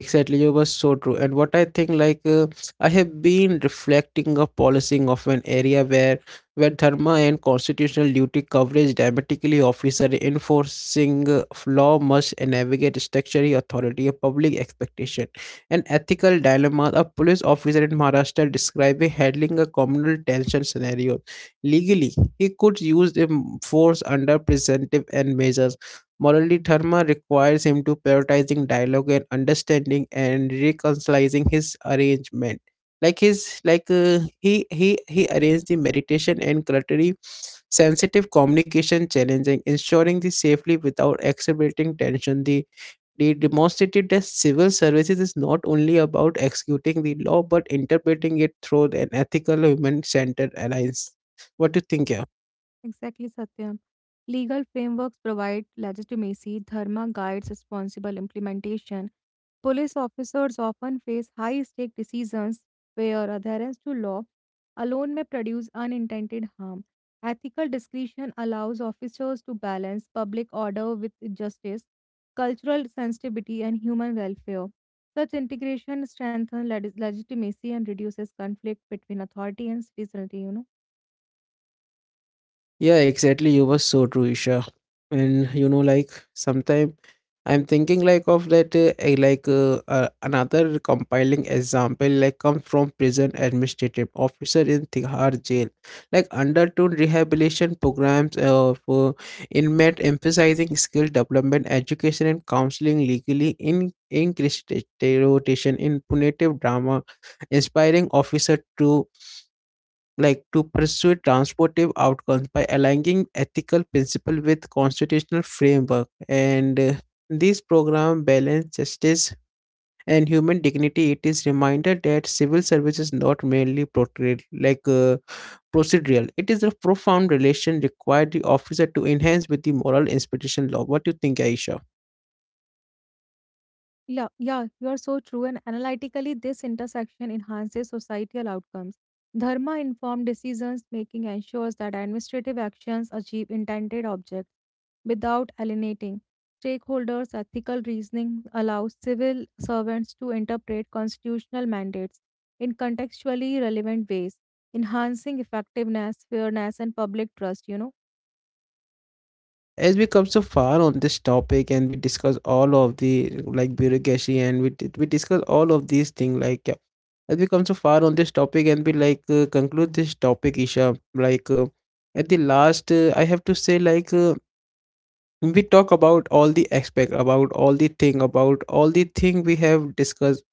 Speaker 1: Exactly, you were so true. And what I think, I have been reflecting of policing of an area where dharma and constitutional duty coverage dramatically officer enforcing of law must navigate statutory authority, a public expectation, and ethical dilemma. A police officer in Maharashtra describing handling a communal tension scenario. Legally, he could use the force under preventive and measures. Morally, Dharma requires him to prioritizing dialogue and understanding and reconciling his arrangement. Like his like he arranged the meditation and culturally sensitive communication challenging, ensuring the safely without exacerbating tension. They demonstrated that civil services is not only about executing the law but interpreting it through an ethical human centered alliance. What do you think, yeah?
Speaker 2: Exactly, Satyam. Legal frameworks provide legitimacy, dharma guides responsible implementation. Police officers often face high stake decisions where adherence to law alone may produce unintended harm. Ethical discretion allows officers to balance public order with justice, cultural sensitivity, and human welfare. Such integration strengthens legitimacy and reduces conflict between authority and citizenry.
Speaker 1: Yeah, exactly. You were so true, Isha. And you know, like sometime I'm thinking of that another compiling example like come from prison administrative officer in Tihar jail, undertone rehabilitation programs of inmate emphasizing skill development, education, and counseling legally in rotation in punitive drama, inspiring officer to pursue transformative outcomes by aligning ethical principle with constitutional framework and these program balance justice and human dignity. It is reminder that civil service is not merely portrayed procedural. It is a profound relation required the officer to enhance with the moral inspiration law. What do you think, aisha?
Speaker 2: Yeah, you are so true. And analytically, this intersection enhances societal outcomes. Dharma informed decisions making ensures that administrative actions achieve intended objects without alienating stakeholders. Ethical reasoning allows civil servants to interpret constitutional mandates in contextually relevant ways, enhancing effectiveness, fairness, and public trust. You know,
Speaker 1: As we come so far on this topic and we discuss all of the like bureaucracy and we discuss all of these things like yeah, as we come so far on this topic and we conclude this topic Isha at the last, I have to say we talk about all the aspect about all the thing we have discussed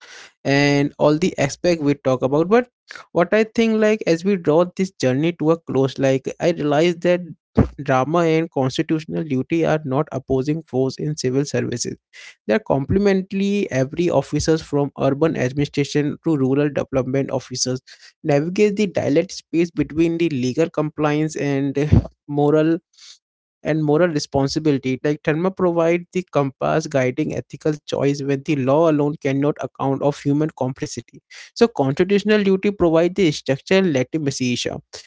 Speaker 1: and all the aspect we talk about but what I think like as we draw this journey to a close, like I realize that drama and constitutional duty are not opposing force in civil services. They are complementary. Every officers from urban administration to rural development officers navigate the dialect space between the legal compliance and moral moral responsibility. Like Dharma provide the compass guiding ethical choice when the law alone cannot account of human complexity. So constitutional duty provide the structure legitimacy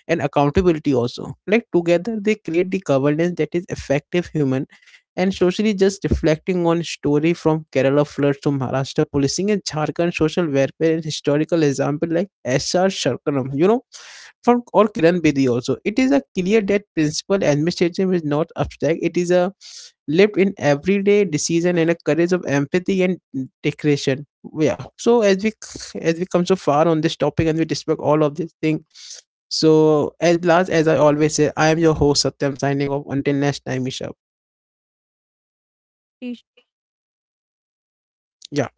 Speaker 1: and accountability also. Like together they create the governance that is effective human and socially just, reflecting on story from Kerala floods to Maharashtra policing and Jharkhand social welfare and historical example like S.R. Sharkaram, you know, from or Kiran Bedi also. It is a clear that principal administration is not abstract. It is a lived in everyday decision and a courage of empathy and decoration. Yeah. So as we come so far on this topic and we discuss all of this thing. So as last, as I always say, I am your host Satyam signing off. Until next time, Isha. Yeah.